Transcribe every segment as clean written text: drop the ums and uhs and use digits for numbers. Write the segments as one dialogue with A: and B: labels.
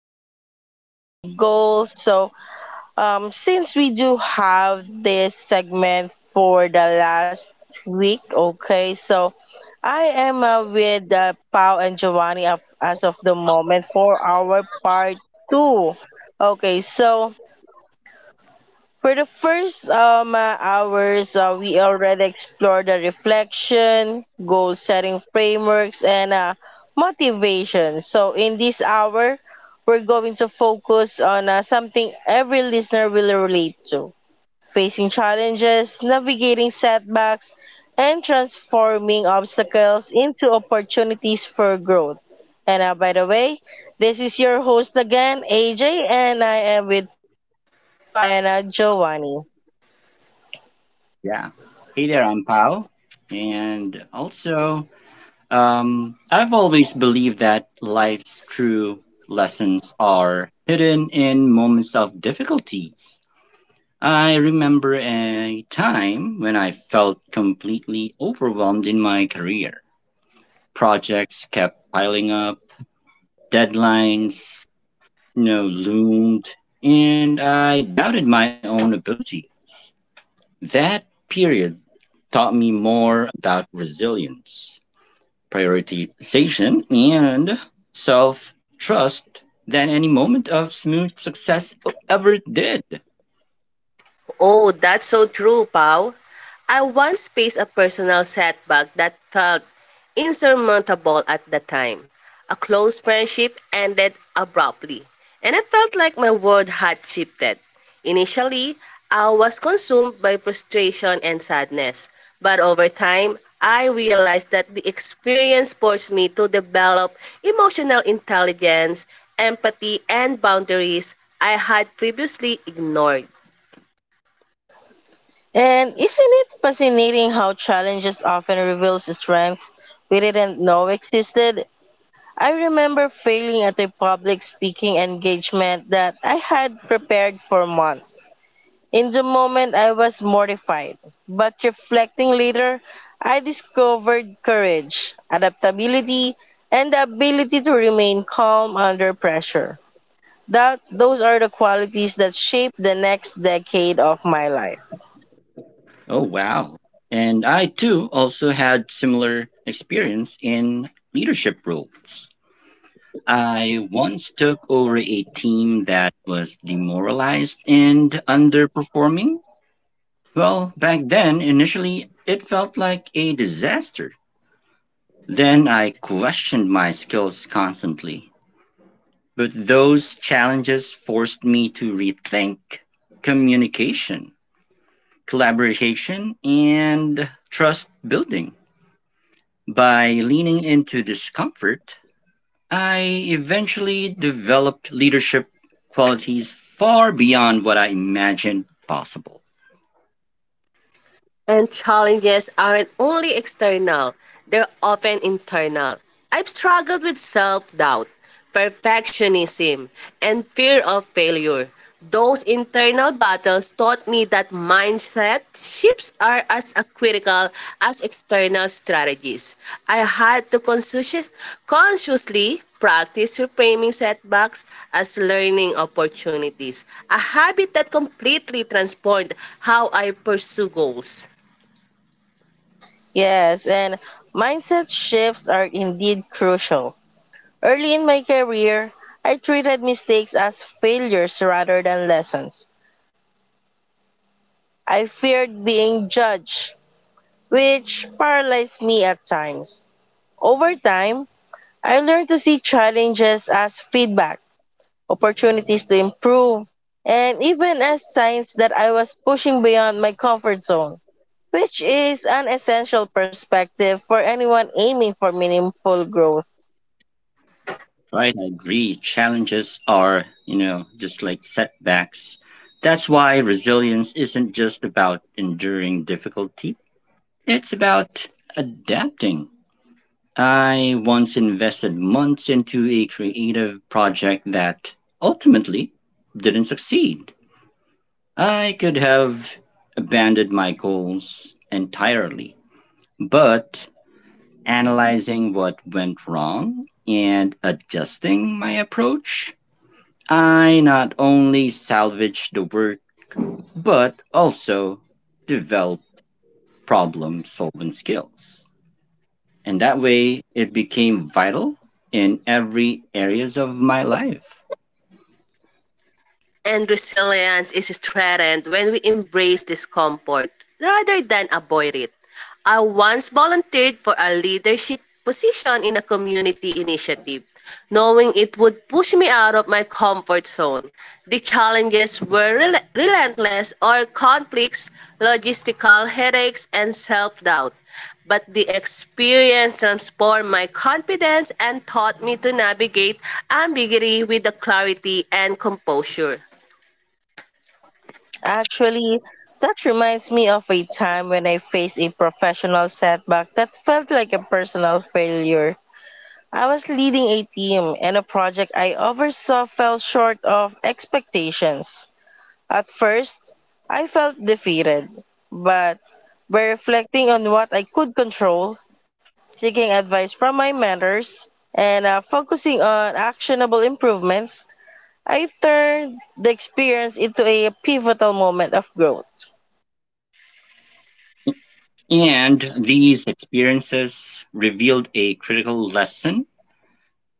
A: to Life and Goals. Since we do have this segment for the last week, okay, so, I am with Pau and Giovanni of, as of the moment for our part two. Okay, so for the first hours, we already explored the reflection, goal setting frameworks, and motivation. So, in this hour, we're going to focus on something every listener will relate to facing challenges, navigating setbacks, and transforming obstacles into opportunities for growth. And by the way, this is your host again, AJ, and I am with Pau and Giovanni.
B: Yeah. Hey there, I'm Pao. And also, I've always believed that life's true lessons are hidden in moments of difficulties. I remember a time when I felt completely overwhelmed in my career. Projects kept piling up, deadlines, loomed, and I doubted my own ability. That period taught me more about resilience prioritization, and self trust than any moment of smooth success ever did.
C: Oh, that's so true, Pau. I once faced a personal setback that felt insurmountable at the time. A close friendship ended abruptly, and I felt like my world had shifted. Initially, I was consumed by frustration and sadness, but over time, I realized that the experience forced me to develop emotional intelligence, empathy, and boundaries I had previously ignored.
A: And isn't it fascinating how challenges often reveals strengths we didn't know existed? I remember failing at a public speaking engagement that I had prepared for months. In the moment, I was mortified, but reflecting later, I discovered courage, adaptability, and the ability to remain calm under pressure. That those are the qualities that shaped the next decade of my life.
B: Oh, wow. And I too also had similar experience in leadership roles. I once took over a team that was demoralized and underperforming. Well, back then, initially, it felt like a disaster. Then I questioned my skills constantly. But those challenges forced me to rethink communication, collaboration, and trust building. By leaning into discomfort, I eventually developed leadership qualities far beyond what I imagined possible.
C: And challenges aren't only external, they're often internal. I've struggled with self doubt, perfectionism, and fear of failure. Those internal battles taught me that mindset shifts are as critical as external strategies. I had to conscious, consciously practice reframing setbacks as learning opportunities, a habit that completely transformed how I pursue goals.
A: Yes, and mindset shifts are indeed crucial. Early in my career, I treated mistakes as failures rather than lessons. I feared being judged, which paralyzed me at times. Over time, I learned to see challenges as feedback, opportunities to improve, and even as signs that I was pushing beyond my comfort zone, which is an essential perspective for anyone aiming for meaningful growth.
B: Right, I agree. Challenges are, just like setbacks. That's why resilience isn't just about enduring difficulty, it's about adapting. I once invested months into a creative project that ultimately didn't succeed. I could have abandoned my goals entirely, but analyzing what went wrong and adjusting my approach, I not only salvaged the work, but also developed problem solving skills. And that way it became vital in every areas of my life.
C: And resilience is strengthened when we embrace discomfort rather than avoid it. I once volunteered for a leadership position in a community initiative, knowing it would push me out of my comfort zone. The challenges were relentless or conflicts, logistical headaches, and self doubt. But the experience transformed my confidence and taught me to navigate ambiguity with the clarity and composure.
A: Actually, that reminds me of a time when I faced a professional setback that felt like a personal failure. I was leading a team, and a project I oversaw fell short of expectations. At first, I felt defeated, but by reflecting on what I could control, seeking advice from my mentors, and focusing on actionable improvements, I turned the experience into a pivotal moment of growth.
B: And these experiences revealed a critical lesson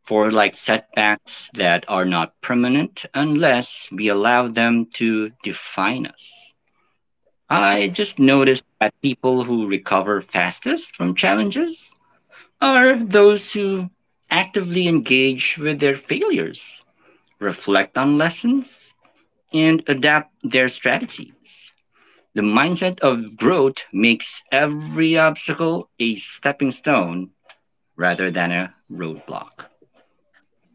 B: for like setbacks that are not permanent unless we allow them to define us. I just noticed that people who recover fastest from challenges are those who actively engage with their failures, reflect on lessons, and adapt their strategies. The mindset of growth makes every obstacle a stepping stone rather than a roadblock.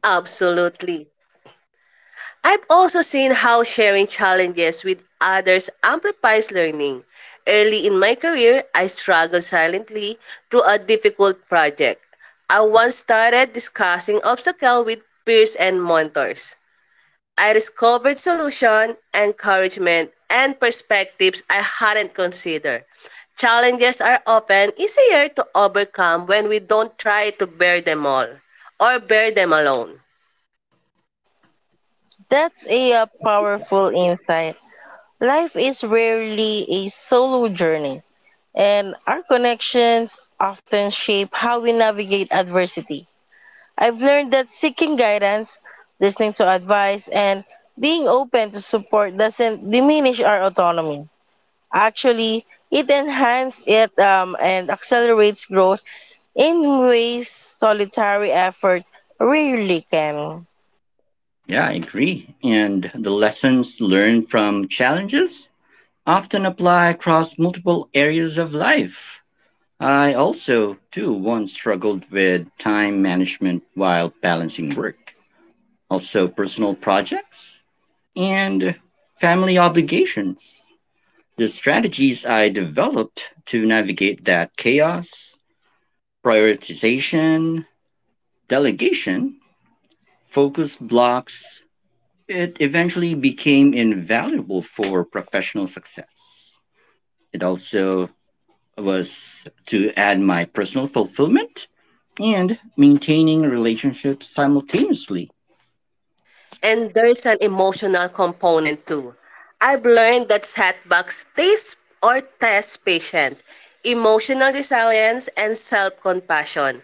C: Absolutely. I've also seen how sharing challenges with others amplifies learning. Early in my career, I struggled silently through a difficult project. I once started discussing obstacles with peers and mentors. I discovered solutions, encouragement, and perspectives I hadn't considered. Challenges are often easier to overcome when we don't try to bear them all or bear them alone.
A: That's a powerful insight. Life is rarely a solo journey, and our connections often shape how we navigate adversity. I've learned that seeking guidance, listening to advice, and being open to support doesn't diminish our autonomy. Actually, it enhances it and accelerates growth in ways solitary effort rarely can.
B: Yeah, I agree. And the lessons learned from challenges often apply across multiple areas of life. I also, too, once struggled with time management while balancing work also personal projects, and family obligations. The strategies I developed to navigate that chaos, prioritization, delegation, focus blocks, it eventually became invaluable for professional success. It also was to add my personal fulfillment and maintaining relationships simultaneously.
C: And there's an emotional component too. I've learned that setbacks test or test patience, emotional resilience, and self-compassion.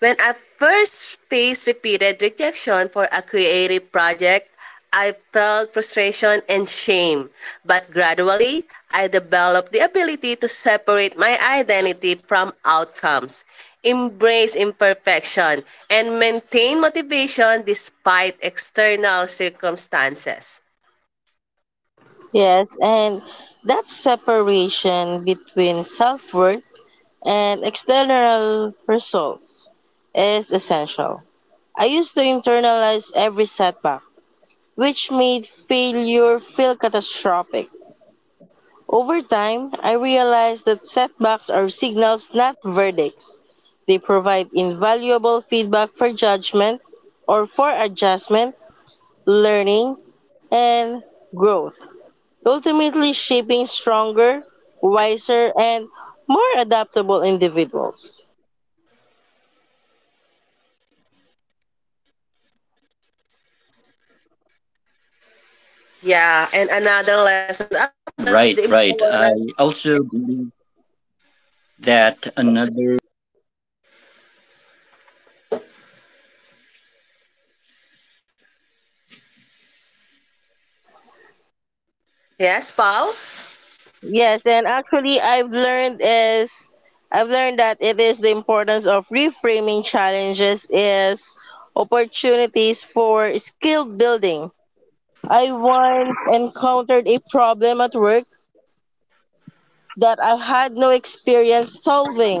C: When I first faced repeated rejection for a creative project, I felt frustration and shame, but gradually I developed the ability to separate my identity from outcomes, embrace imperfection, and maintain motivation despite external circumstances.
A: Yes, and that separation between self worth and external results is essential. I used to internalize every setback, which made failure feel catastrophic. Over time, I realized that setbacks are signals, not verdicts. They provide invaluable feedback for judgment or for adjustment, learning, and growth, ultimately shaping stronger, wiser, and more adaptable individuals.
C: Yeah, and another lesson I've learned is the
B: Right, right. I
C: importance.
B: also believe that a.
C: Yes, Paul?
A: Yes, and actually I've learned is I've learned that it is the importance of reframing challenges as opportunities for skill building. I once encountered a problem at work that I had no experience solving.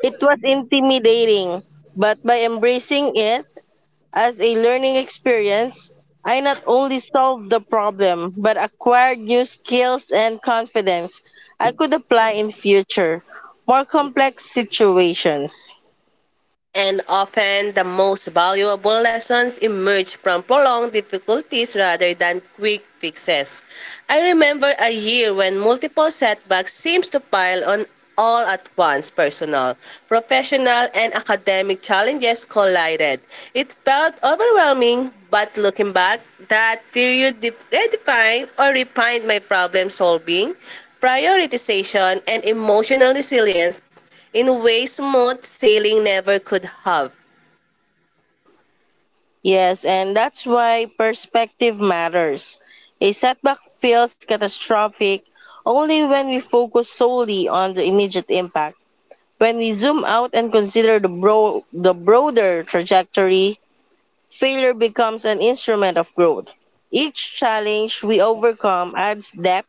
A: It was intimidating, but by embracing it as a learning experience, I not only solved the problem but acquired new skills and confidence I could apply in future more complex situations.
C: And often, the most valuable lessons emerge from prolonged difficulties rather than quick fixes. I remember a year when multiple setbacks seems to pile on all at once personal, professional, and academic challenges collided. It felt overwhelming, but looking back, that period de- redefined or refined my problem solving, prioritization, and emotional resilience in ways smooth sailing never could have.
A: Yes, and that's why perspective matters. A setback feels catastrophic only when we focus solely on the immediate impact. When we zoom out and consider the broader trajectory, failure becomes an instrument of growth. Each challenge we overcome adds depth,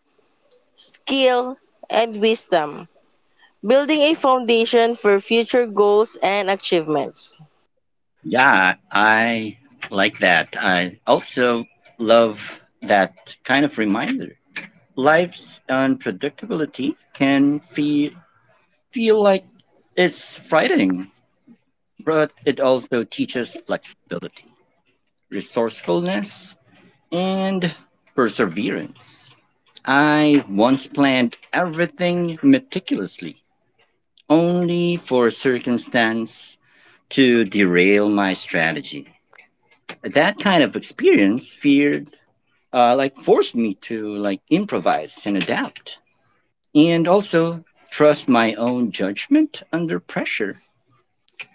A: skill, and wisdom, building a foundation for future goals and achievements.
B: Yeah, I like that. I also love that kind of reminder. Life's unpredictability can feel like it's frightening, but it also teaches flexibility, resourcefulness, and perseverance. I once planned everything meticulously, only for a circumstance to derail my strategy. That kind of experience fear like forced me to like improvise and adapt and also trust my own judgment under pressure,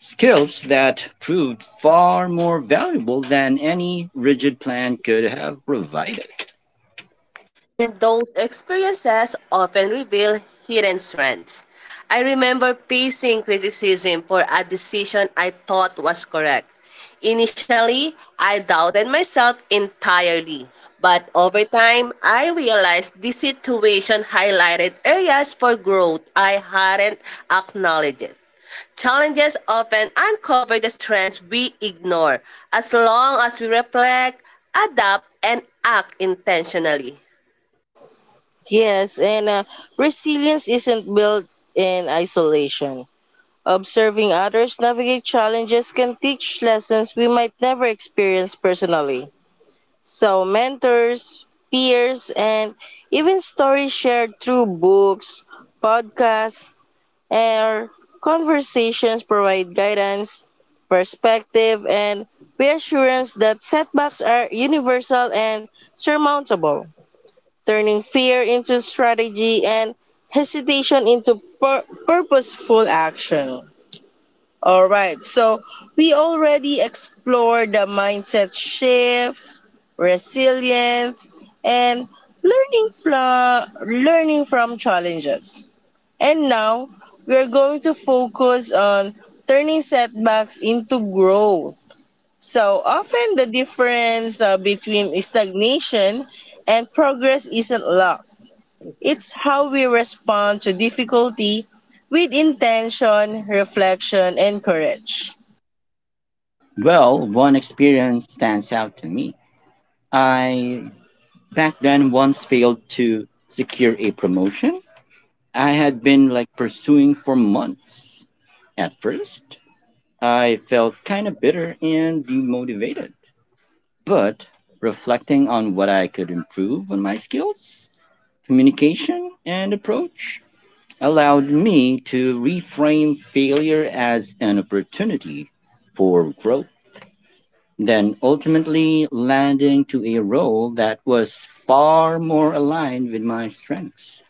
B: skills that proved far more valuable than any rigid plan could have provided.
C: And those experiences often reveal hidden strengths. I remember facing criticism for a decision I thought was correct. Initially, I doubted myself entirely, but over time, I realized this situation highlighted areas for growth I hadn't acknowledged. Challenges often uncover the strengths we ignore as long as we reflect, adapt, and act intentionally.
A: Yes, and resilience isn't built in isolation. Observing others navigate challenges can teach lessons we might never experience personally. So, mentors, peers, and even stories shared through books, podcasts, or conversations provide guidance, perspective, and reassurance that setbacks are universal and surmountable, turning fear into strategy and hesitation into purposeful action. All right. So we already explored the mindset shifts, resilience, and learning from challenges. And now we're going to focus on turning setbacks into growth. So often the difference between stagnation and progress isn't luck. It's how we respond to difficulty with intention, reflection, and courage.
B: Well, one experience stands out to me. I back then once failed to secure a promotion I had been like pursuing for months. At first, I felt kind of bitter and demotivated. But reflecting on what I could improve on my skills, communication, and approach allowed me to reframe failure as an opportunity for growth, then ultimately landing to a role that was far more aligned with my strengths.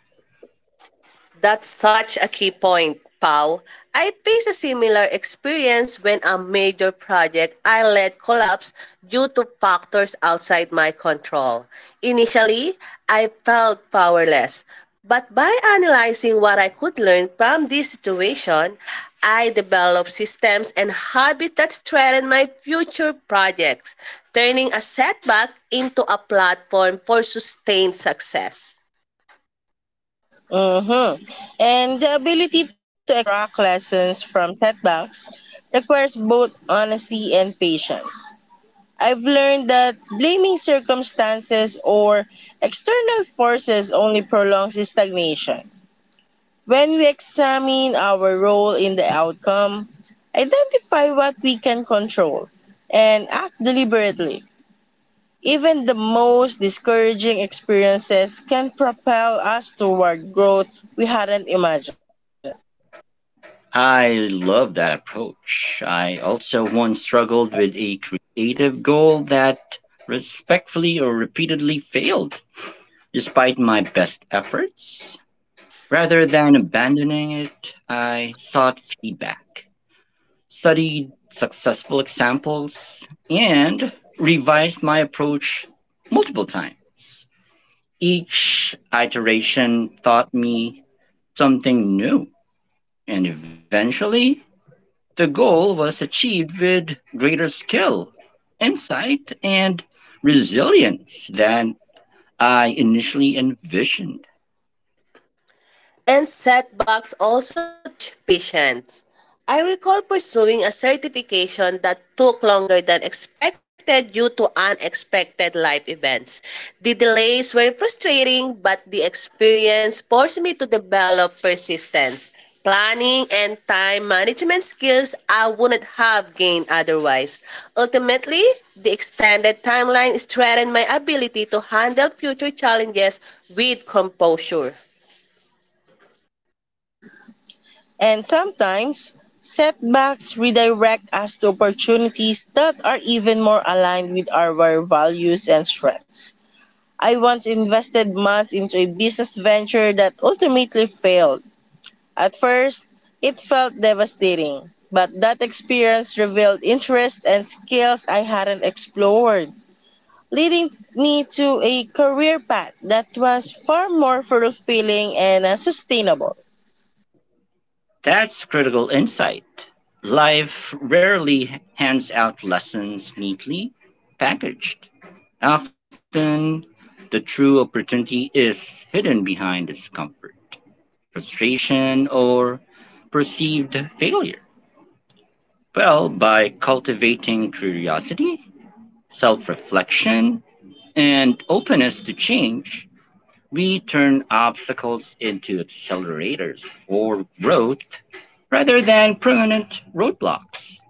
C: That's such a key point, Pau. I faced a similar experience when a major project I led collapsed due to factors outside my control. Initially, I felt powerless, but by analyzing what I could learn from this situation, I developed systems and habits that strengthen my future projects, turning a setback into a platform for sustained success.
A: Mm-hmm. And the ability to extract lessons from setbacks requires both honesty and patience. I've learned that blaming circumstances or external forces only prolongs stagnation. When we examine our role in the outcome, identify what we can control, and act deliberately, even the most discouraging experiences can propel us toward growth we hadn't imagined.
B: I love that approach. I also once struggled with a creative goal that respectfully or repeatedly failed. Despite my best efforts, rather than abandoning it, I sought feedback, studied successful examples, and revised my approach multiple times. Each iteration taught me something new, and eventually, the goal was achieved with greater skill, insight, and resilience than I initially envisioned.
C: And setbacks also teach patience. I recall pursuing a certification that took longer than expected due to unexpected life events. The delays were frustrating, but the experience forced me to develop persistence, planning, and time management skills I wouldn't have gained otherwise. Ultimately, the extended timeline strengthened my ability to handle future challenges with composure.
A: And sometimes, setbacks redirect us to opportunities that are even more aligned with our values and strengths. I once invested months into a business venture that ultimately failed. At first, it felt devastating, but that experience revealed interests and skills I hadn't explored, leading me to a career path that was far more fulfilling and sustainable.
B: That's critical insight. Life rarely hands out lessons neatly packaged. Often, the true opportunity is hidden behind discomfort, frustration, or perceived failure. Well, by cultivating curiosity, self reflection, and openness to change, we turn obstacles into accelerators for growth rather than permanent roadblocks.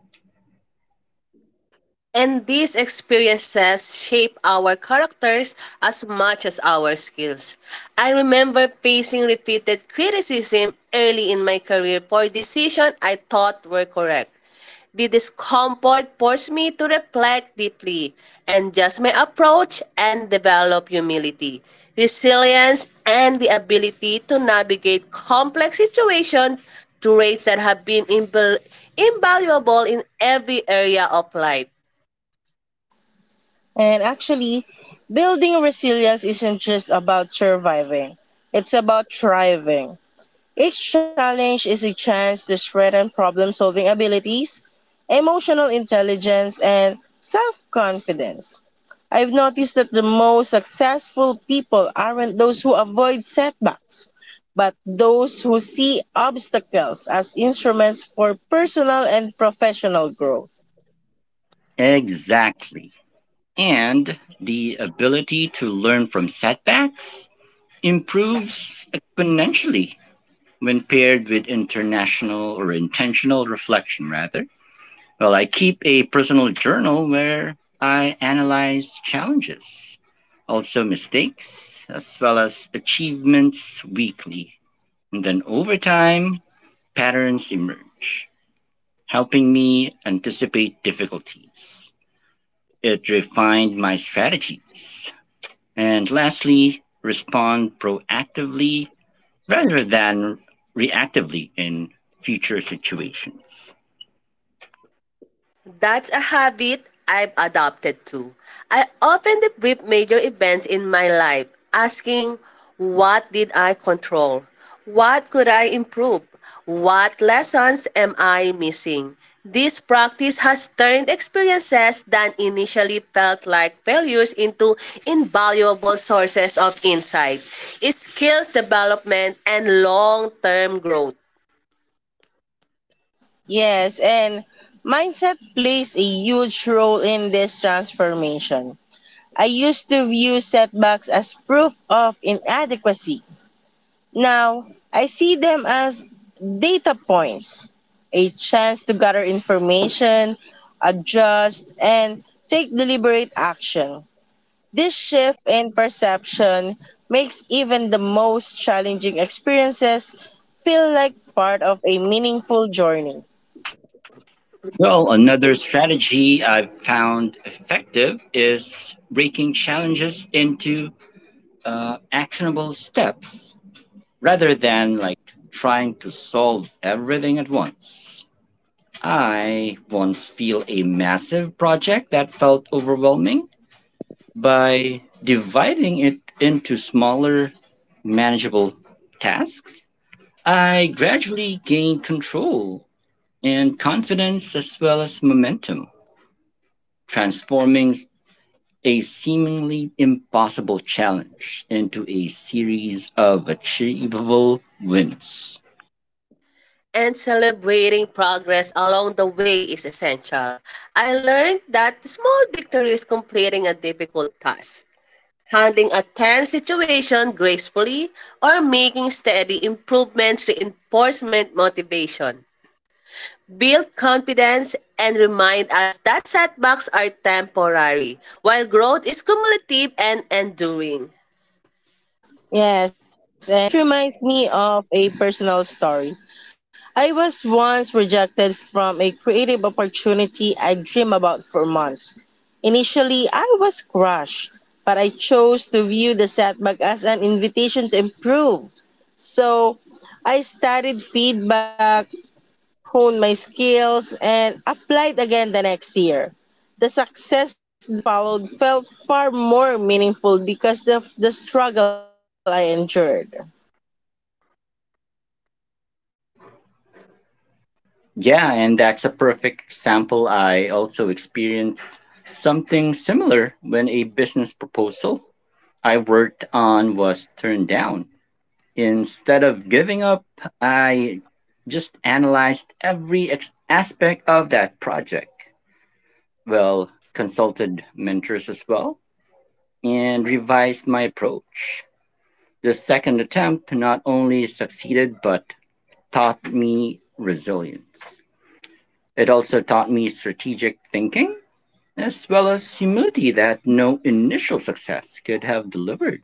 C: And these experiences shape our characters as much as our skills. I remember facing repeated criticism early in my career for decisions I thought were correct. The discomfort forced me to reflect deeply, and adjust my approach, and develop humility, resilience, and the ability to navigate complex situations traits that have been invaluable in every area of life.
A: And actually, building resilience isn't just about surviving, it's about thriving. Each challenge is a chance to strengthen problem solving abilities, emotional intelligence, and self confidence. I've noticed that the most successful people aren't those who avoid setbacks, but those who see obstacles as instruments for personal and professional growth.
B: Exactly. And the ability to learn from setbacks improves exponentially when paired with international or intentional reflection, rather. Well, I keep a personal journal where I analyze challenges, also mistakes, as well as achievements weekly. And then over time, patterns emerge, helping me anticipate difficulties. It refined my strategies. And lastly, respond proactively rather than reactively in future situations.
C: That's a habit I've adopted too. I often debrief major events in my life, asking what did I control? What could I improve? What lessons am I missing? This practice has turned experiences that initially felt like failures into invaluable sources of insight, skills development, and long term growth.
A: Yes, and mindset plays a huge role in this transformation. I used to view setbacks as proof of inadequacy. Now, I see them as data points, a chance to gather information, adjust, and take deliberate action. This shift in perception makes even the most challenging experiences feel like part of a meaningful journey.
B: Well, another strategy I've found effective is breaking challenges into actionable steps rather than like trying to solve everything at once. I once feel a massive project that felt overwhelming. By dividing it into smaller, manageable tasks, I gradually gained control and confidence as well as momentum, transforming a seemingly impossible challenge into a series of achievable wins.
C: And celebrating progress along the way is essential. I learned that small victories completing a difficult task, handling a tense situation gracefully, or making steady improvements reinforcement motivation. Build confidence and remind us that setbacks are temporary, while growth is cumulative and enduring.
A: Yes, and that reminds me of a personal story. I was once rejected from a creative opportunity I dreamed about for months. Initially, I was crushed, but I chose to view the setback as an invitation to improve. So, I studied feedback, honed my skills, and applied again the next year. The success that followed felt far more meaningful because of the struggle I endured.
B: Yeah, and that's a perfect example. I also experienced something similar when a business proposal I worked on was turned down. Instead of giving up, I just analyzed every aspect of that project. Well, consulted mentors as well and revised my approach. The second attempt not only succeeded but taught me resilience. It also taught me strategic thinking as well as humility that no initial success could have delivered.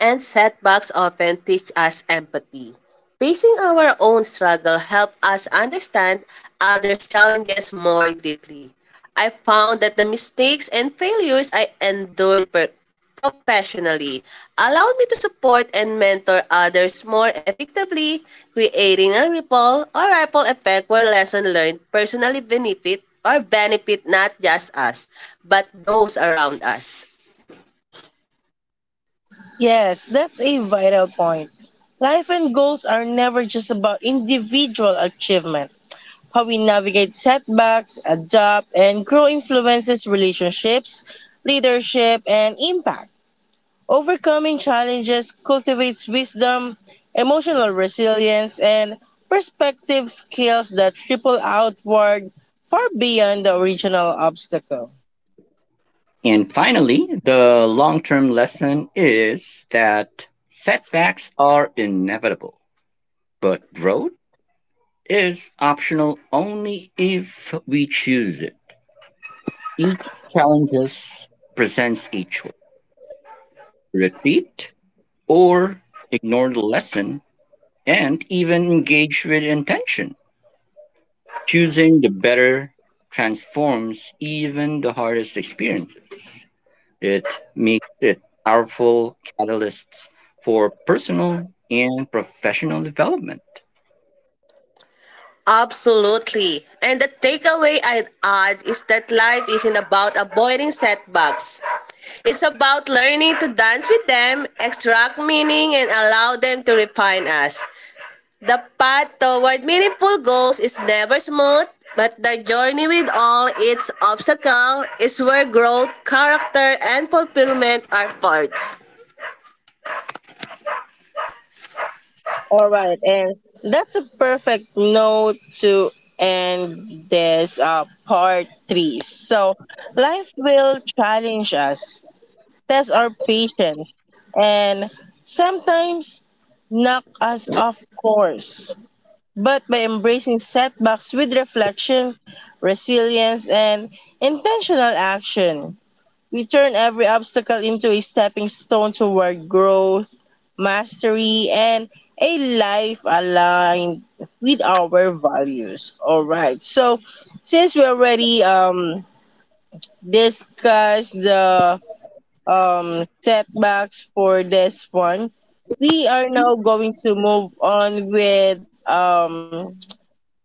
C: And setbacks often teach us empathy. Facing our own struggle helps us understand others' challenges more deeply. I found that the mistakes and failures I endured professionally allowed me to support and mentor others more effectively, creating a ripple effect where lesson learned personally benefit or benefit not just us, but those around us.
A: Yes, that's a vital point. Life and goals are never just about individual achievement. How we navigate setbacks, adapt, and grow influences relationships, leadership, and impact. Overcoming challenges cultivates wisdom, emotional resilience, and perspective skills that ripple outward far beyond the original obstacle.
B: And finally, the long term lesson is that setbacks are inevitable, but growth is optional only if we choose it. Each challenge presents a choice retreat or ignore the lesson and even engage with intention. Choosing the better transforms even the hardest experiences. It makes it powerful catalysts for personal and professional development.
C: Absolutely. And the takeaway I'd add is that life isn't about avoiding setbacks. It's about learning to dance with them, extract meaning, and allow them to refine us. The path toward meaningful goals is never smooth, but the journey with all its obstacles is where growth, character, and fulfillment are forged.
A: All right, and that's a perfect note to end this part three. So, life will challenge us, test our patience, and sometimes knock us off course. But by embracing setbacks with reflection, resilience, and intentional action, we turn every obstacle into a stepping stone toward growth, mastery, and a life aligned with our values. All right. So, since we already discussed the setbacks for this one, we are now going to move on with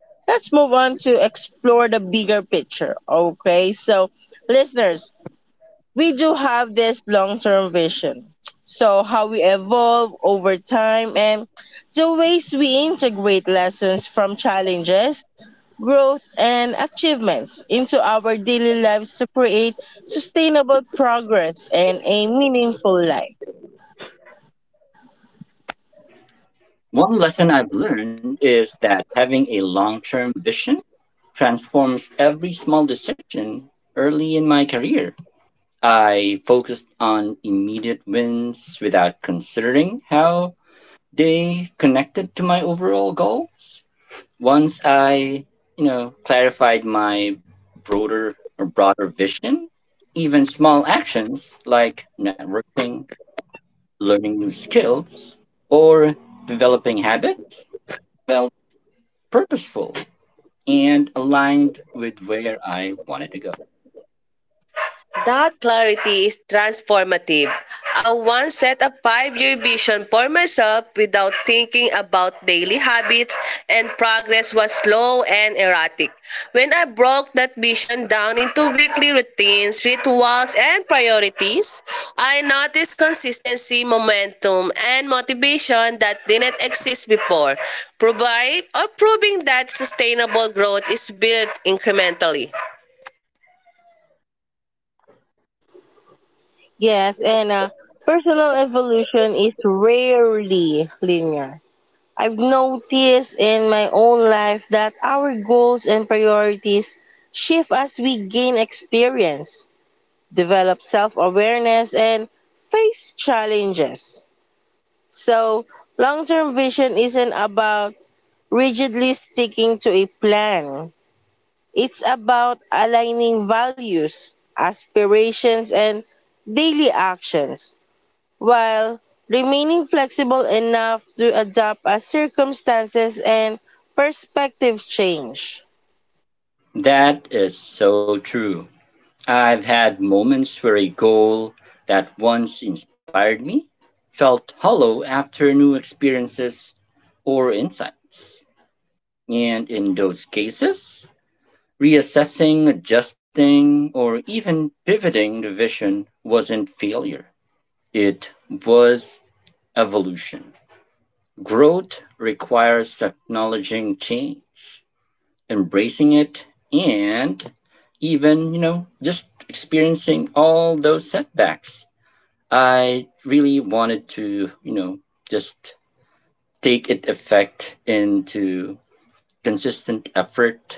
A: let's move on to explore the bigger picture. Okay. So, listeners, we do have this long-term vision. So how we evolve over time and the ways we integrate lessons from challenges, growth and achievements into our daily lives to create sustainable progress and a meaningful life.
B: One lesson I've learned is that having a long term vision transforms every small decision early in my career. I focused on immediate wins without considering how they connected to my overall goals. Once I, clarified my broader vision, even small actions like networking, learning new skills, or developing habits felt purposeful and aligned with where I wanted to go.
C: That clarity is transformative. I once set a 5-year vision for myself without thinking about daily habits, and progress was slow and erratic. When I broke that vision down into weekly routines, rituals, and priorities, I noticed consistency, momentum, and motivation that didn't exist before, provide or proving that sustainable growth is built incrementally.
A: Yes, and personal evolution is rarely linear. I've noticed in my own life that our goals and priorities shift as we gain experience, develop self awareness, and face challenges. So, long term vision isn't about rigidly sticking to a plan, it's about aligning values, aspirations, and daily actions while remaining flexible enough to adapt as circumstances and perspective change.
B: That is so true. I've had moments where a goal that once inspired me felt hollow after new experiences or insights. And in those cases, reassessing, adjusting, or even pivoting the vision wasn't failure, it was evolution. Growth requires acknowledging change, embracing it, and even, just experiencing all those setbacks. I really wanted to, just take it effect into consistent effort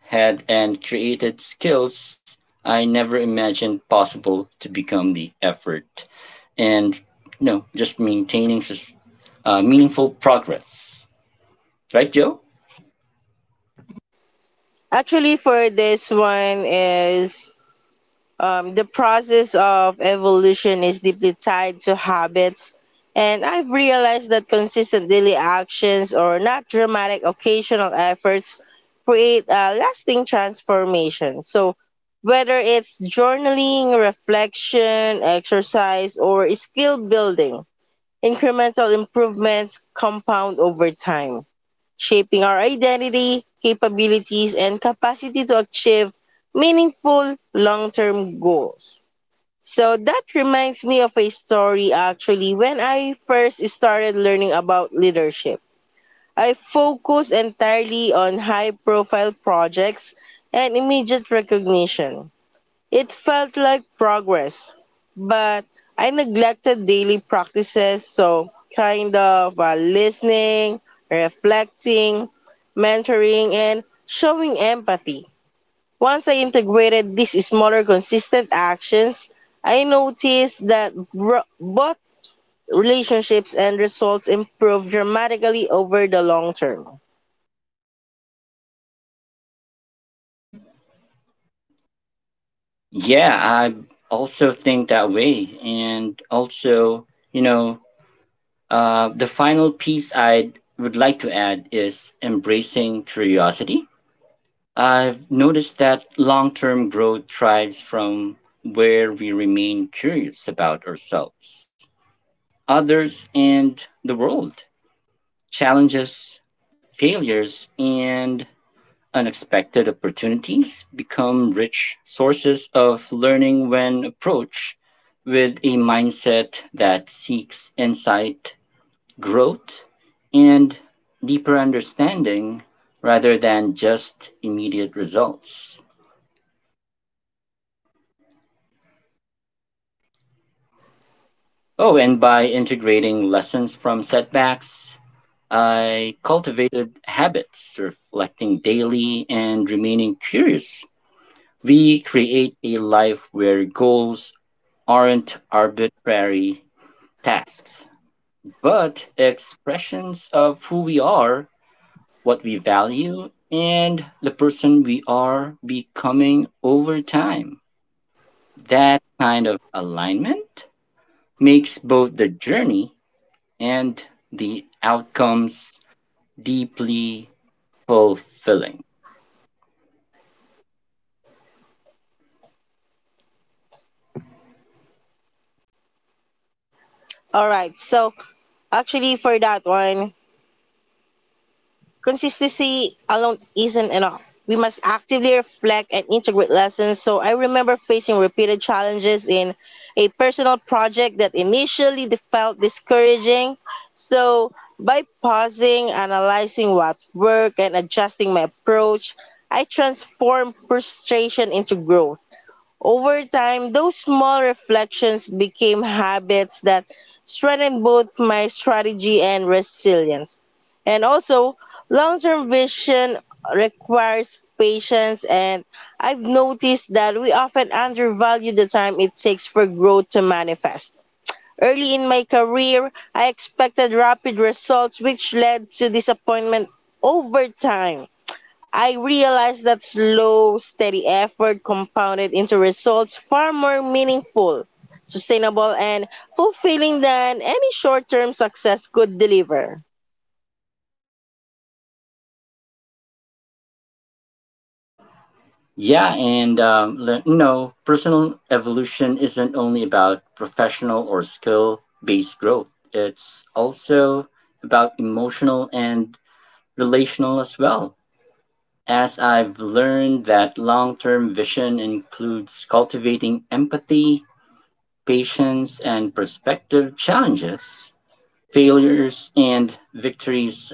B: had and created skills I never imagined possible to become the effort and just maintaining meaningful progress. Right, Joe?
A: Actually, for this one is The process of evolution is deeply tied to habits, and I've realized that consistent daily actions or not dramatic occasional efforts create a lasting transformation. So, whether it's journaling, reflection, exercise, or skill building, incremental improvements compound over time, shaping our identity, capabilities, and capacity to achieve meaningful long term goals. So that reminds me of a story actually. When I first started learning about leadership, I focused entirely on high profile projects and immediate recognition. It felt like progress, but I neglected daily practices, so kind of listening, reflecting, mentoring, and showing empathy. Once I integrated these smaller, consistent actions, I noticed that both relationships and results improved dramatically over the long term.
B: Yeah, I also think that way. And also, you know, The final piece I would like to add is embracing curiosity. I've noticed that long term growth thrives from where we remain curious about ourselves others and the world, challenges, failures, and unexpected opportunities become rich sources of learning when approached with a mindset that seeks insight, growth, and deeper understanding rather than just immediate results. Oh, and by integrating lessons from setbacks, I cultivated habits, reflecting daily and remaining curious. We create a life where goals aren't arbitrary tasks, but expressions of who we are, what we value, and the person we are becoming over time. That kind of alignment makes both the journey and the outcomes deeply fulfilling.
A: All right, so actually, for that one, consistency alone isn't enough. We must actively reflect and integrate lessons. So I remember facing repeated challenges in a personal project that initially felt discouraging. So by pausing, analyzing what worked, and adjusting my approach, I transformed frustration into growth. Over time, those small reflections became habits that strengthened both my strategy and resilience. And also, long term vision requires patience, and I've noticed that we often undervalue the time it takes for growth to manifest. Early in my career, I expected rapid results, which led to disappointment over time. I realized that slow, steady effort compounded into results far more meaningful, sustainable, and fulfilling than any short term success could deliver.
B: Yeah, and personal evolution isn't only about professional or skill based growth, it's also about emotional and relational as well. As I've learned that long term vision includes cultivating empathy, patience, and perspective challenges, failures, and victories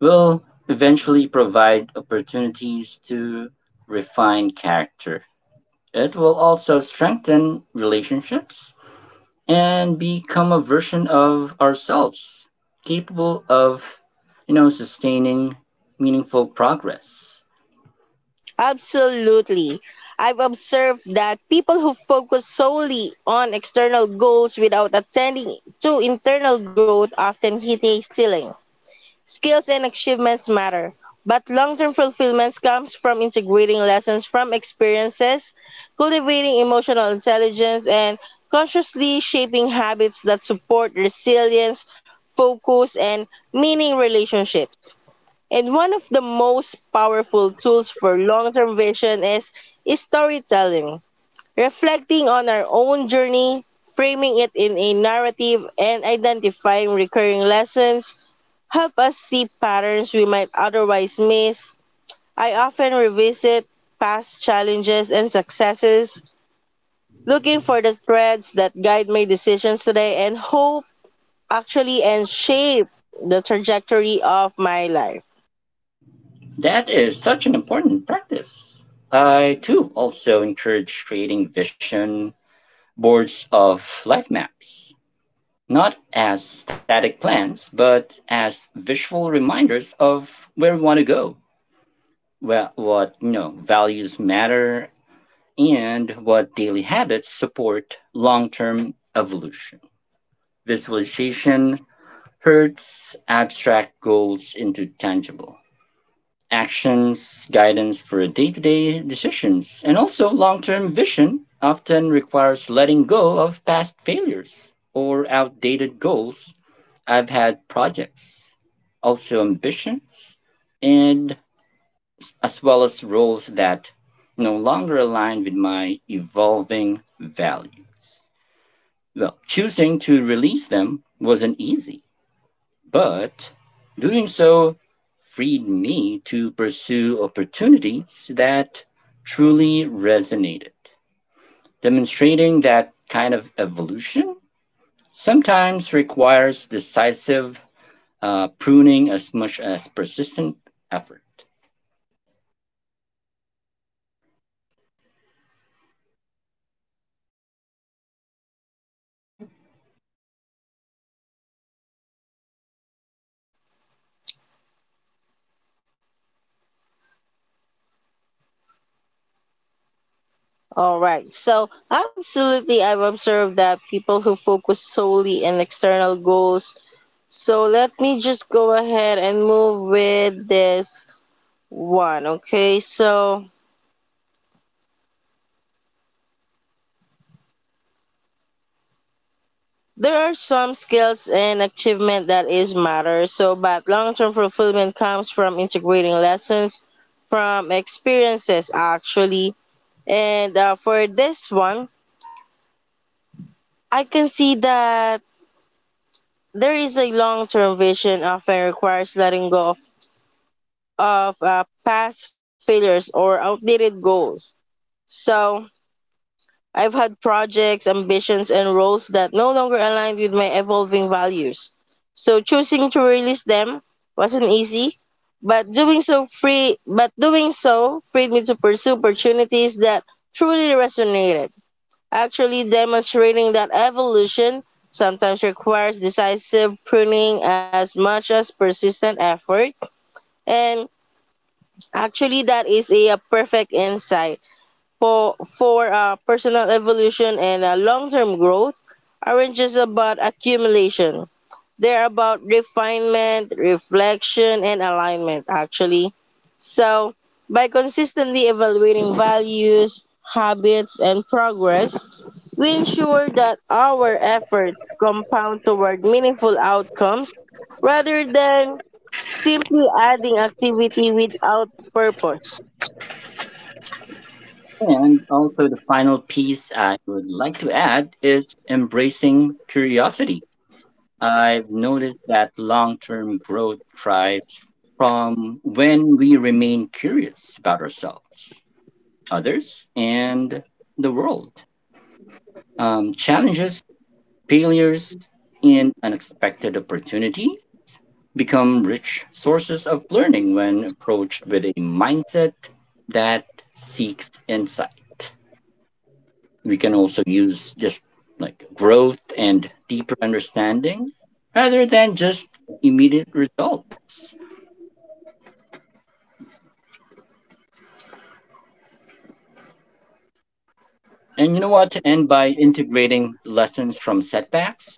B: will eventually provide opportunities to refine character. It will also strengthen relationships and become a version of ourselves capable of, sustaining meaningful progress.
A: Absolutely. I've observed that people who focus solely on external goals without attending to internal growth often hit a ceiling. Skills and achievements matter, but long-term fulfillment comes from integrating lessons from experiences, cultivating emotional intelligence, and consciously shaping habits that support resilience, focus, and meaning relationships. And one of the most powerful tools for long-term vision is storytelling, reflecting on our own journey, framing it in a narrative, and identifying recurring lessons help us see patterns we might otherwise miss. I often revisit past challenges and successes, looking for the threads that guide my decisions today and hope actually and shape the trajectory of my life.
B: That is such an important practice. I too also encourage creating vision boards of life maps, not as static plans, but as visual reminders of where want to go, where what you know values matter, and what daily habits support long term evolution. Visualization hurts abstract goals into tangible actions, guidance for day to day decisions, and also long term vision often requires letting go of past failures or outdated goals. I've had projects, also ambitions, and as well as roles that no longer align with my evolving values. Well, choosing to release them wasn't easy, but doing so freed me to pursue opportunities that truly resonated. Demonstrating that kind of evolution sometimes requires decisive pruning as much as persistent effort.
A: All right. So, absolutely, I've observed that people who focus solely on external goals. So, let me just go ahead and move with this one. Okay. So, there are some skills and achievement that is matter. So, but long-term fulfillment comes from integrating lessons from experiences actually. And for this one, I can see that there is a long-term vision often requires letting go of past failures or outdated goals. So I've had projects, ambitions, and roles that no longer aligned with my evolving values. So choosing to release them wasn't easy, but doing so free but doing so freed me to pursue opportunities that truly resonated. Actually demonstrating that evolution sometimes requires decisive pruning as much as persistent effort. And actually that is a perfect insight for personal evolution and long-term growth aren't just about accumulation. They're about refinement, reflection, and alignment, actually. So, by consistently evaluating values, habits, and progress, we ensure that our efforts compound toward meaningful outcomes rather than simply adding activity without purpose.
B: And also, the final piece I would like to add is embracing curiosity. I've noticed that long term growth thrives from when we remain curious about ourselves, others, and the world. Challenges, failures, and unexpected opportunities become rich sources of learning when approached with a mindset that seeks insight. We can also use just like growth and deeper understanding rather than just immediate results. And you know what? And by integrating lessons from setbacks,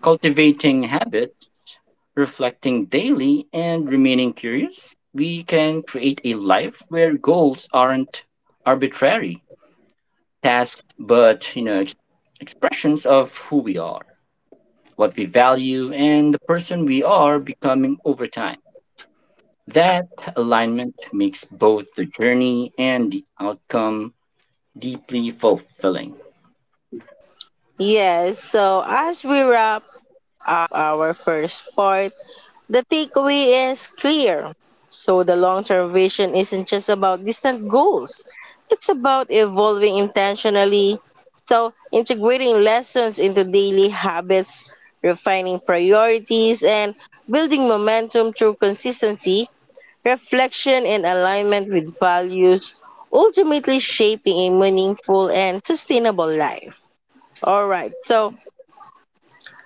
B: cultivating habits, reflecting daily, and remaining curious, we can create a life where goals aren't arbitrary tasks, but expressions of who we are, what we value, and the person we are becoming over time. That alignment makes both the journey and the outcome deeply fulfilling.
A: Yes, so as we wrap up our first part, the takeaway is clear. So the long-term vision isn't just about distant goals. It's about evolving intentionally. So integrating lessons into daily habits, refining priorities and building momentum through consistency, reflection and alignment with values, ultimately shaping a meaningful and sustainable life. All right. So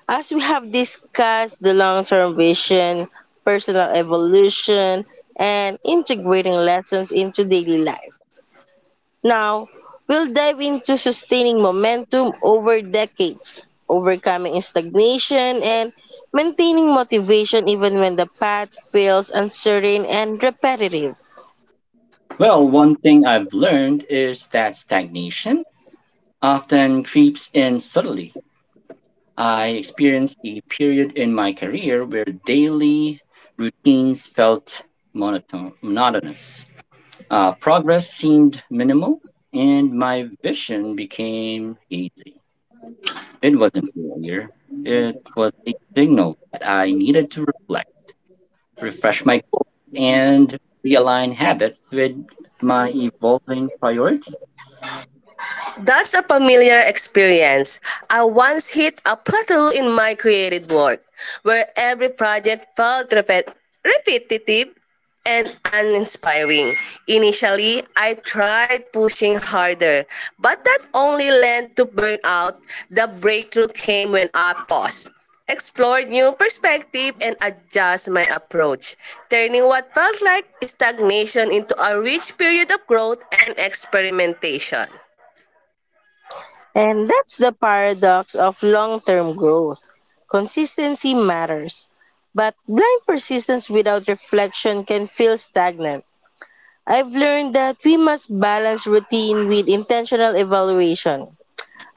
A: as we have discussed the long term vision, personal evolution, and integrating lessons into daily life. Now, we'll dive into sustaining momentum over decades, overcoming stagnation, and maintaining motivation even when the path feels uncertain and repetitive.
B: Well, one thing I've learned is that stagnation often creeps in subtly. I experienced a period in my career where daily routines felt monotonous. Progress seemed minimal, and my vision became hazy. It wasn't failure, it was a signal that I needed to reflect, refresh my goals, and realign habits with my evolving priorities.
C: That's a familiar experience. I once hit a plateau in my creative work, where every project felt repetitive and uninspiring. Initially, I tried pushing harder, but that only led to burnout. The breakthrough came when I paused, explored new perspective, and adjust my approach, turning what felt like stagnation into a rich period of growth and experimentation.
A: And that's the paradox of long term growth. Consistency matters, but blind persistence without reflection can feel stagnant. I've learned that we must balance routine with intentional evaluation,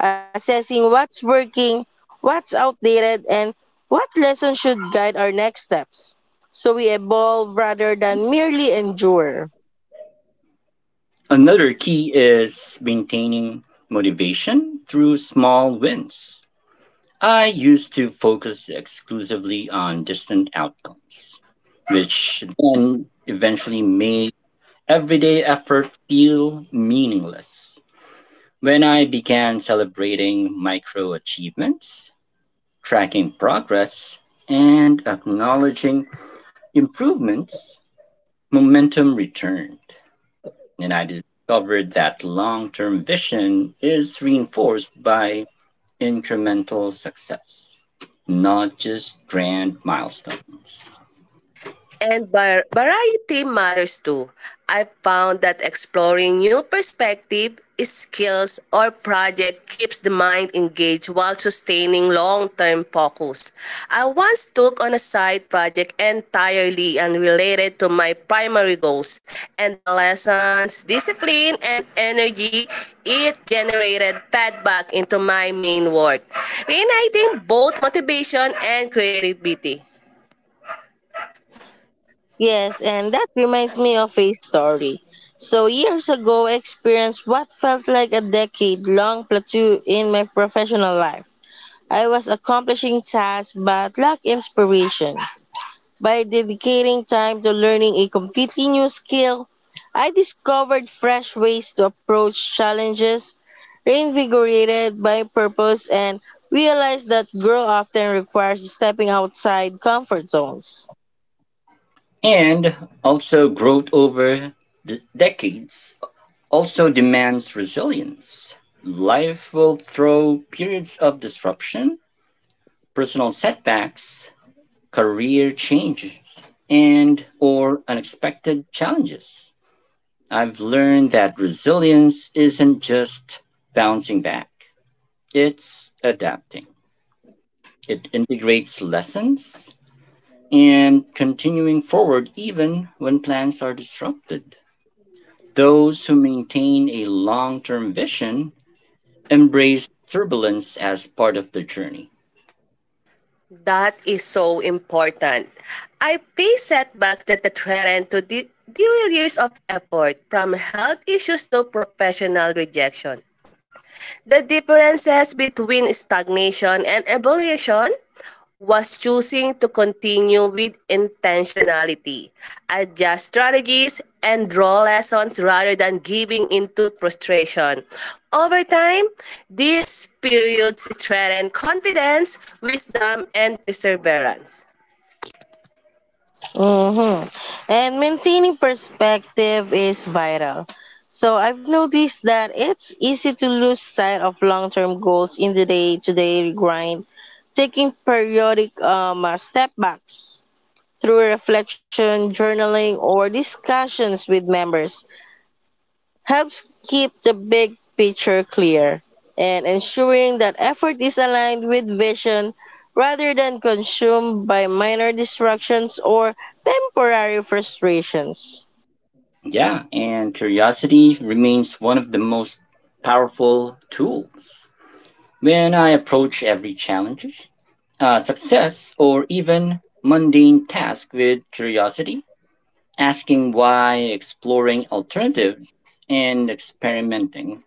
A: assessing what's working, what's outdated, and what lessons should guide our next steps. So we evolve rather than merely endure.
B: Another key is maintaining motivation through small wins. I used to focus exclusively on distant outcomes, which then eventually made everyday effort feel meaningless. When I began celebrating micro achievements, tracking progress, and acknowledging improvements, momentum returned. And I discovered that long term vision is reinforced by incremental success, not just grand milestones.
C: And variety matters too. I found that exploring new perspective, skills, or project keeps the mind engaged while sustaining long-term focus. I once took on a side project entirely unrelated to my primary goals, and the lessons, discipline, and energy it generated fed back into my main work, reigniting both motivation and creativity.
A: Yes, and that reminds me of a story. So, years ago, I experienced what felt like a decade long plateau in my professional life. I was accomplishing tasks but lacked inspiration. By dedicating time to learning a completely new skill, I discovered fresh ways to approach challenges, reinvigorated by purpose, and realized that growth often requires stepping outside comfort zones.
B: And also, growth over the decades also demands resilience. Life will throw periods of disruption, personal setbacks, career changes, and or unexpected challenges. I've learned that resilience isn't just bouncing back, it's adapting. It integrates lessons and continuing forward even when plans are disrupted. Those who maintain a long term vision embrace turbulence as part of their journey.
C: That is so important. I pay setbacks that threaten to derail years of effort, from health issues to professional rejection. The differences between stagnation and evolution was choosing to continue with intentionality, adjust strategies, and draw lessons rather than giving into frustration. Over time, these periods strengthen confidence, wisdom, and perseverance.
A: Mm-hmm. And maintaining perspective is vital. So I've noticed that it's easy to lose sight of long-term goals in the day-to-day grind. Taking periodic step backs through reflection, journaling, or discussions with members helps keep the big picture clear and ensuring that effort is aligned with vision rather than consumed by minor distractions or temporary frustrations.
B: Yeah, and curiosity remains one of the most powerful tools. When I approach every challenge success or even mundane tasks with curiosity, asking why, exploring alternatives, and experimenting.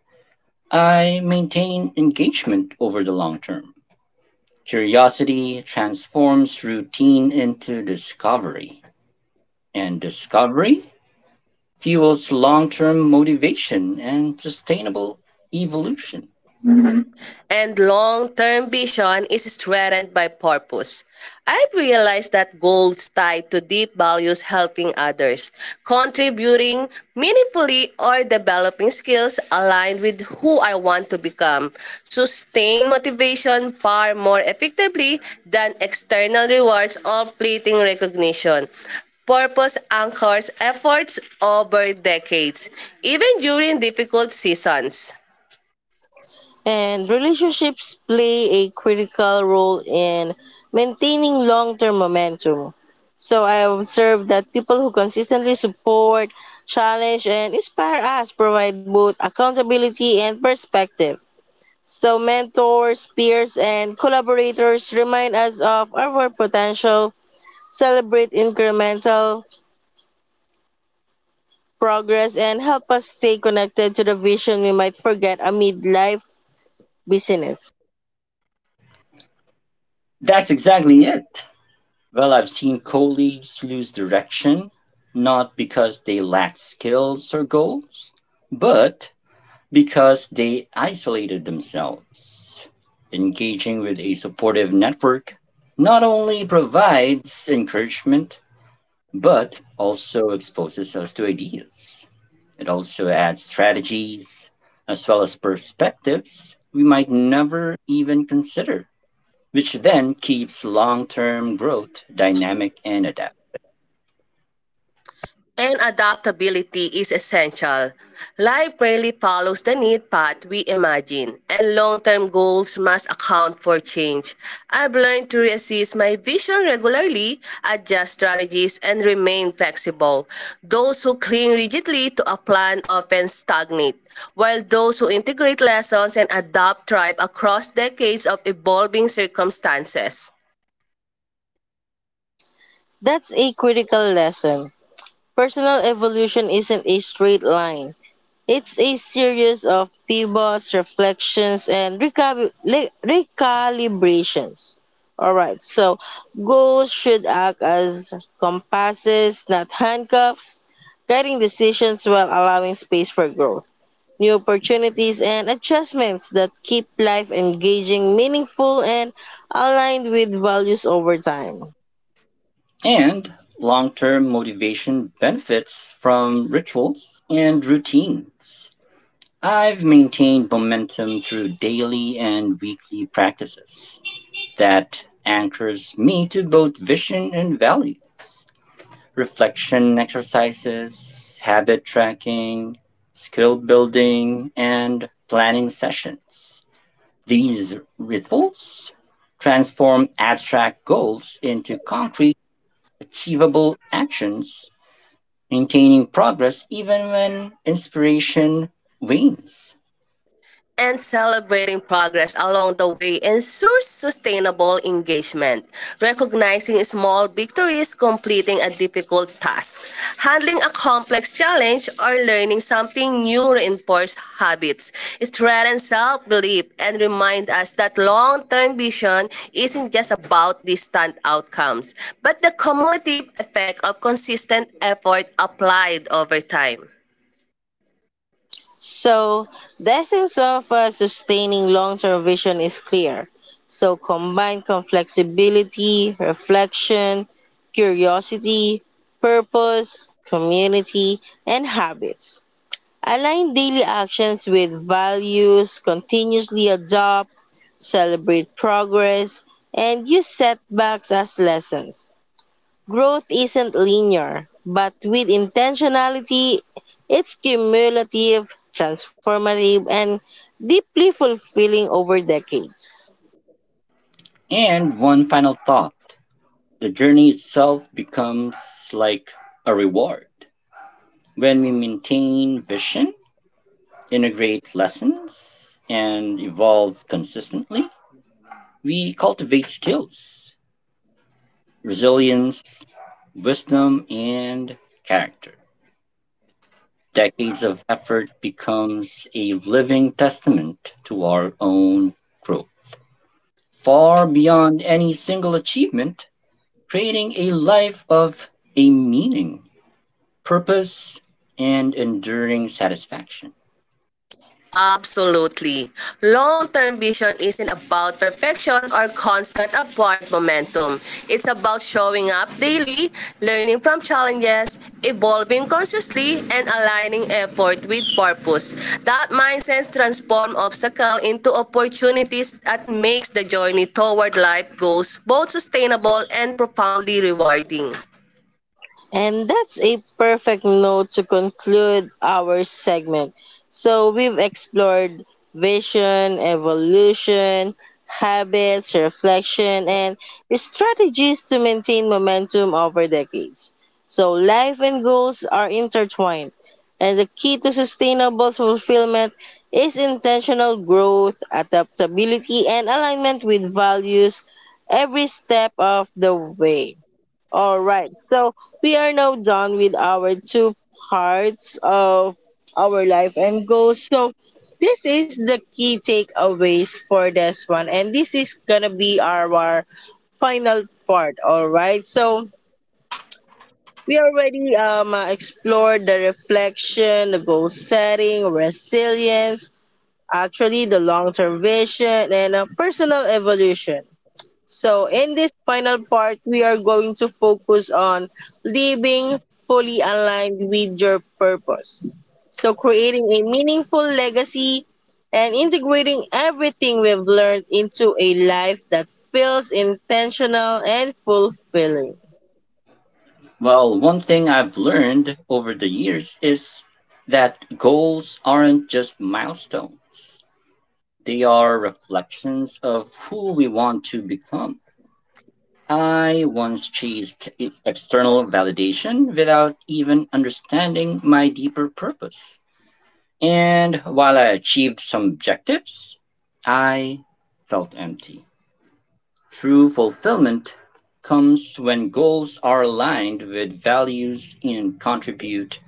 B: I maintain engagement over the long term. Curiosity transforms routine into discovery, and discovery fuels long term motivation and sustainable evolution.
C: And long term vision is strengthened by purpose. I've realized that goals tied to deep values helping others, contributing meaningfully, or developing skills aligned with who I want to become sustain motivation far more effectively than external rewards or fleeting recognition purpose anchors efforts over decades, even during difficult seasons.
A: And relationships play a critical role in maintaining long term momentum. So I observed that people who consistently support, challenge, and inspire us provide both accountability and perspective. So mentors, peers, and collaborators remind us of our potential, celebrate incremental progress, and help us stay connected to the vision we might forget amid life busyness.
B: That's exactly it. Well, I've seen colleagues lose direction, not because they lacked skills or goals, but because they isolated themselves. Engaging with a supportive network not only provides encouragement, but also exposes us to ideas. It also adds strategies as well as perspectives we might never even consider, which then keeps long term growth dynamic and adaptive.
C: And adaptability is essential. Life rarely follows the neat path we imagine, and long term goals must account for change. I've learned to reassess my vision regularly, adjust strategies, and remain flexible. Those who cling rigidly to a plan often stagnate, while those who integrate lessons and adapt thrive across decades of evolving circumstances.
A: That's a critical lesson. Personal evolution isn't a straight line. It's a series of pivots, reflections, and recalibrations. Alright, so goals should act as compasses, not handcuffs, guiding decisions while allowing space for growth, new opportunities, and adjustments that keep life engaging, meaningful, and aligned with values over time.
B: And long term motivation benefits from rituals and routines. I've maintained momentum through daily and weekly practices that anchors me to both vision and values. Reflection exercises, habit tracking, skill building, and planning sessions. These rituals transform abstract goals into concrete, achievable actions maintaining progress even when inspiration wanes.
C: And celebrating progress along the way ensures sustainable engagement. Recognizing small victories, completing a difficult task, handling a complex challenge, or learning something new reinforces habits, strengthens self-belief, and remind us that long-term vision isn't just about distant outcomes, but the cumulative effect of consistent effort applied over time.
A: So, the essence of a sustaining long term vision is clear. So, flexibility, reflection, curiosity, purpose, community, and habits. Align daily actions with values, continuously adopt, celebrate progress, and use setbacks as lessons. Growth isn't linear, but with intentionality, it's cumulative, transformative, and deeply fulfilling over decades.
B: And one final thought, the journey itself becomes like a reward. When we maintain vision, integrate lessons, and evolve consistently, we cultivate skills, resilience, wisdom, and character. Decades of effort becomes a living testament to our own growth, far beyond any single achievement, creating a life of a meaning, purpose, and enduring satisfaction.
C: Absolutely. Long-term vision isn't about perfection or constant upward momentum. It's about showing up daily, learning from challenges, evolving consciously, and aligning effort with purpose. That mindset transforms obstacles into opportunities that makes the journey toward life goals both sustainable and profoundly rewarding.
A: And that's a perfect note to conclude our segment. So, we've explored vision, evolution, habits, reflection, and strategies to maintain momentum over decades. So, life and goals are intertwined, and the key to sustainable fulfillment is intentional growth, adaptability, and alignment with values every step of the way. All right. So we are now done with our two parts of our life and goals. So this is the key takeaways for this one. And this is gonna be our final part. All right. So we already explored the reflection, the goal setting, resilience, actually the long term vision, and personal evolution. So, in this final part, we are going to focus on living fully aligned with your purpose. So, creating a meaningful legacy and integrating everything we've learned into a life that feels intentional and fulfilling.
B: Well, one thing I've learned over the years is that goals aren't just milestones, they are reflections of who we want to become. I once chased external validation without even understanding my deeper purpose. And while I achieved some objectives, I felt empty. True fulfillment comes when goals are aligned with values and contribute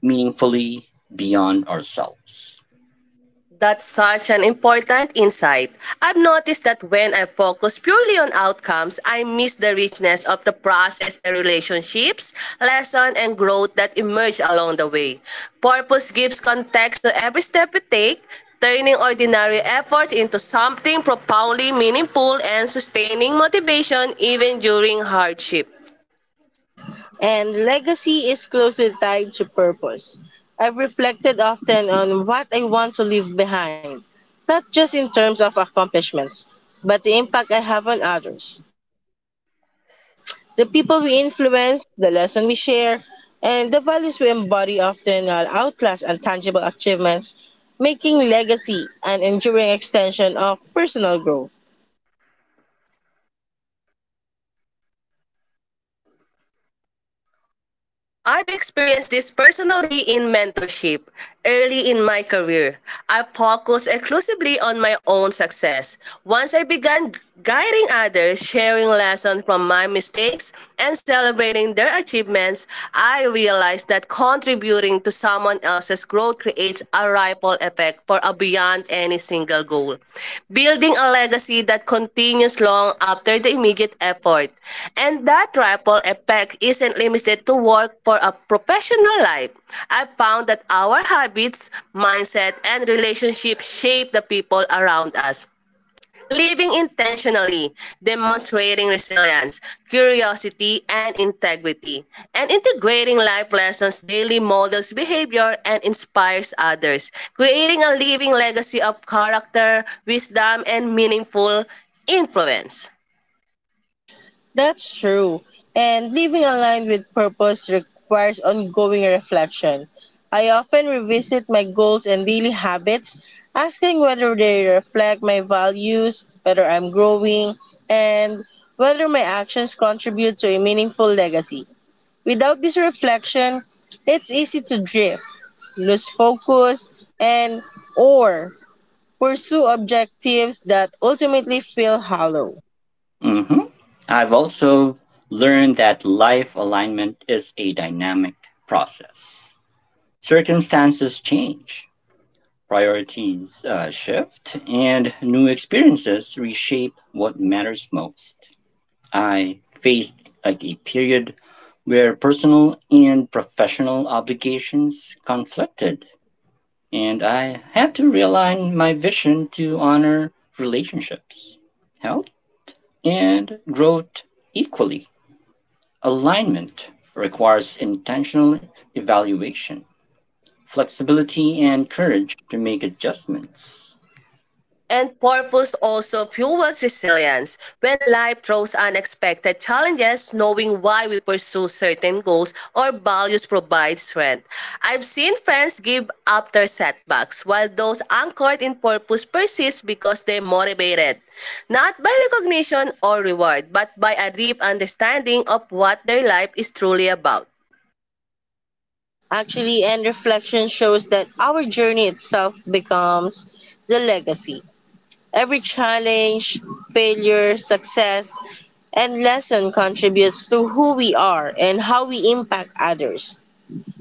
B: meaningfully beyond ourselves.
C: That's such an important insight. I've noticed that when I focus purely on outcomes, I miss the richness of the process, the relationships, lesson, and growth that emerge along the way. Purpose gives context to every step we take, turning ordinary efforts into something profoundly meaningful and sustaining motivation even during hardship.
A: And legacy is closely tied to purpose. I've reflected often on what I want to leave behind, not just in terms of accomplishments, but the impact I have on others. The people we influence, the lesson we share, and the values we embody often outlast intangible achievements, making legacy an enduring extension of personal growth.
C: I've experienced this personally in mentorship. Early in my career, I focused exclusively on my own success. Once I began guiding others, sharing lessons from my mistakes, and celebrating their achievements, I realized that contributing to someone else's growth creates a ripple effect for a beyond any single goal, building a legacy that continues long after the immediate effort. And that ripple effect isn't limited to work for a professional life. I found that our habits, mindset, and relationships shape the people around us. Living intentionally, demonstrating resilience, curiosity, and integrity, and integrating life lessons daily models behavior and inspires others, creating a living legacy of character, wisdom, and meaningful influence.
A: That's true. And living aligned with purpose requires ongoing reflection. I often revisit my goals and daily habits, asking whether they reflect my values, whether I'm growing, and whether my actions contribute to a meaningful legacy. Without this reflection, it's easy to drift, lose focus, and or pursue objectives that ultimately feel hollow.
B: hmm I've also learned that life alignment is a dynamic process. Circumstances change, priorities shift, and new experiences reshape what matters most. I faced like a period where personal and professional obligations conflicted, and I had to realign my vision to honor relationships, health, and growth equally. Alignment requires intentional evaluation, flexibility, and courage to make adjustments.
C: And purpose also fuels resilience. When life throws unexpected challenges, knowing why we pursue certain goals or values provides strength. I've seen friends give up their setbacks, while those anchored in purpose persist because they're motivated, not by recognition or reward, but by a deep understanding of what their life is truly about.
A: Actually, and reflection shows that our journey itself becomes the legacy. Every challenge, failure, success, and lesson contributes to who we are and how we impact others.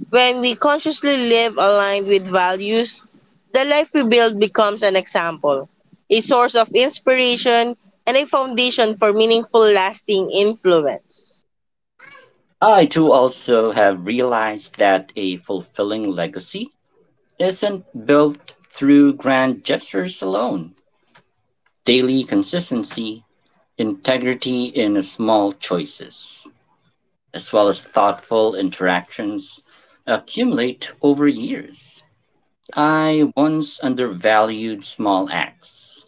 A: When we consciously live aligned with values, the life we build becomes an example, a source of inspiration, and a foundation for meaningful, lasting influence.
B: I too also have realized that a fulfilling legacy isn't built through grand gestures alone. Daily consistency, integrity in small choices, as well as thoughtful interactions accumulate over years. I once undervalued small acts,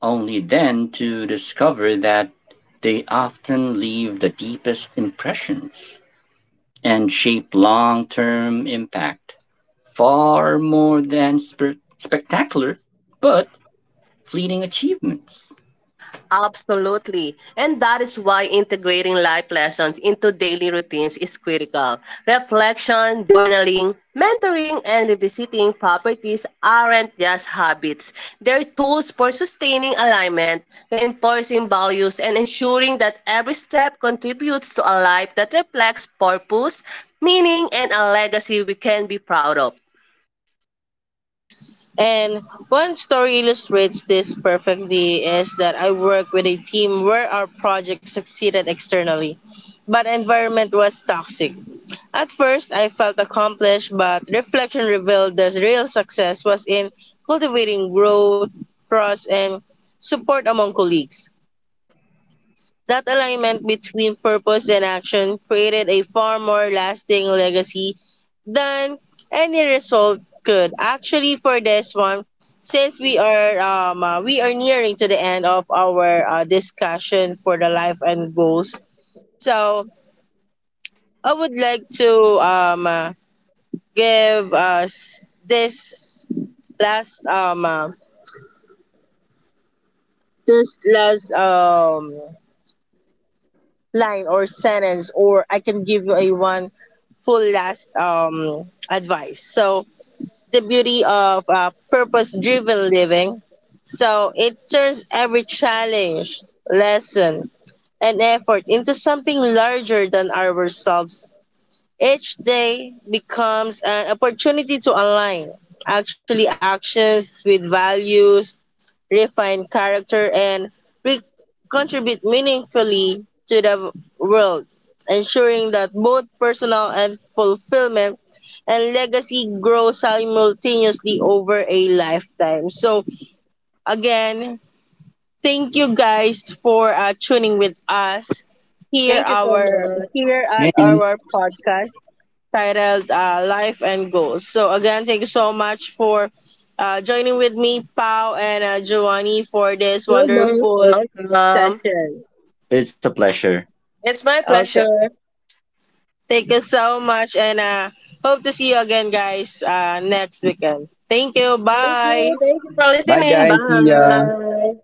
B: only then to discover that they often leave the deepest impressions and shape long term impact far more than spectacular but fleeting achievements.
C: Absolutely. And that is why integrating life lessons into daily routines is critical. Reflection, journaling, mentoring, and revisiting properties aren't just habits. They're tools for sustaining alignment, reinforcing values, and ensuring that every step contributes to a life that reflects purpose, meaning, and a legacy we can be proud of.
A: And one story illustrates this perfectly is that I worked with a team where our project succeeded externally, but environment was toxic. At first, I felt accomplished, but reflection revealed the real success was in cultivating growth, trust, and support among colleagues. That alignment between purpose and action created a far more lasting legacy than any result could. Actually, for this one, since we are nearing to the end of our discussion for the life and goals, so I would like to give us last um uh, this last line or sentence, or I can give you a one full last advice. So the beauty of purpose driven living. So it turns every challenge, lesson, and effort into something larger than ourselves. Each day becomes an opportunity to align actually actions with values, refine character, and re- contribute meaningfully to the world, ensuring that both personal and fulfillment and legacy grow simultaneously over a lifetime. So, again, thank you guys for tuning with us
C: Thank you so much.
A: here at
B: And
A: our podcast titled Life and Goals. So, again, thank you so much for joining with me, Pau, and Giovanni, for this
C: You're most
A: wonderful
C: welcome.
A: session.
B: it's a pleasure.
C: It's my
A: Okay.
C: pleasure.
A: Thank you so much, and hope to see you again, guys, next weekend. Thank you.
C: Thank
A: Bye.
C: you. Thank you for
B: Bye,
C: listening.
B: guys. See ya.
C: Bye.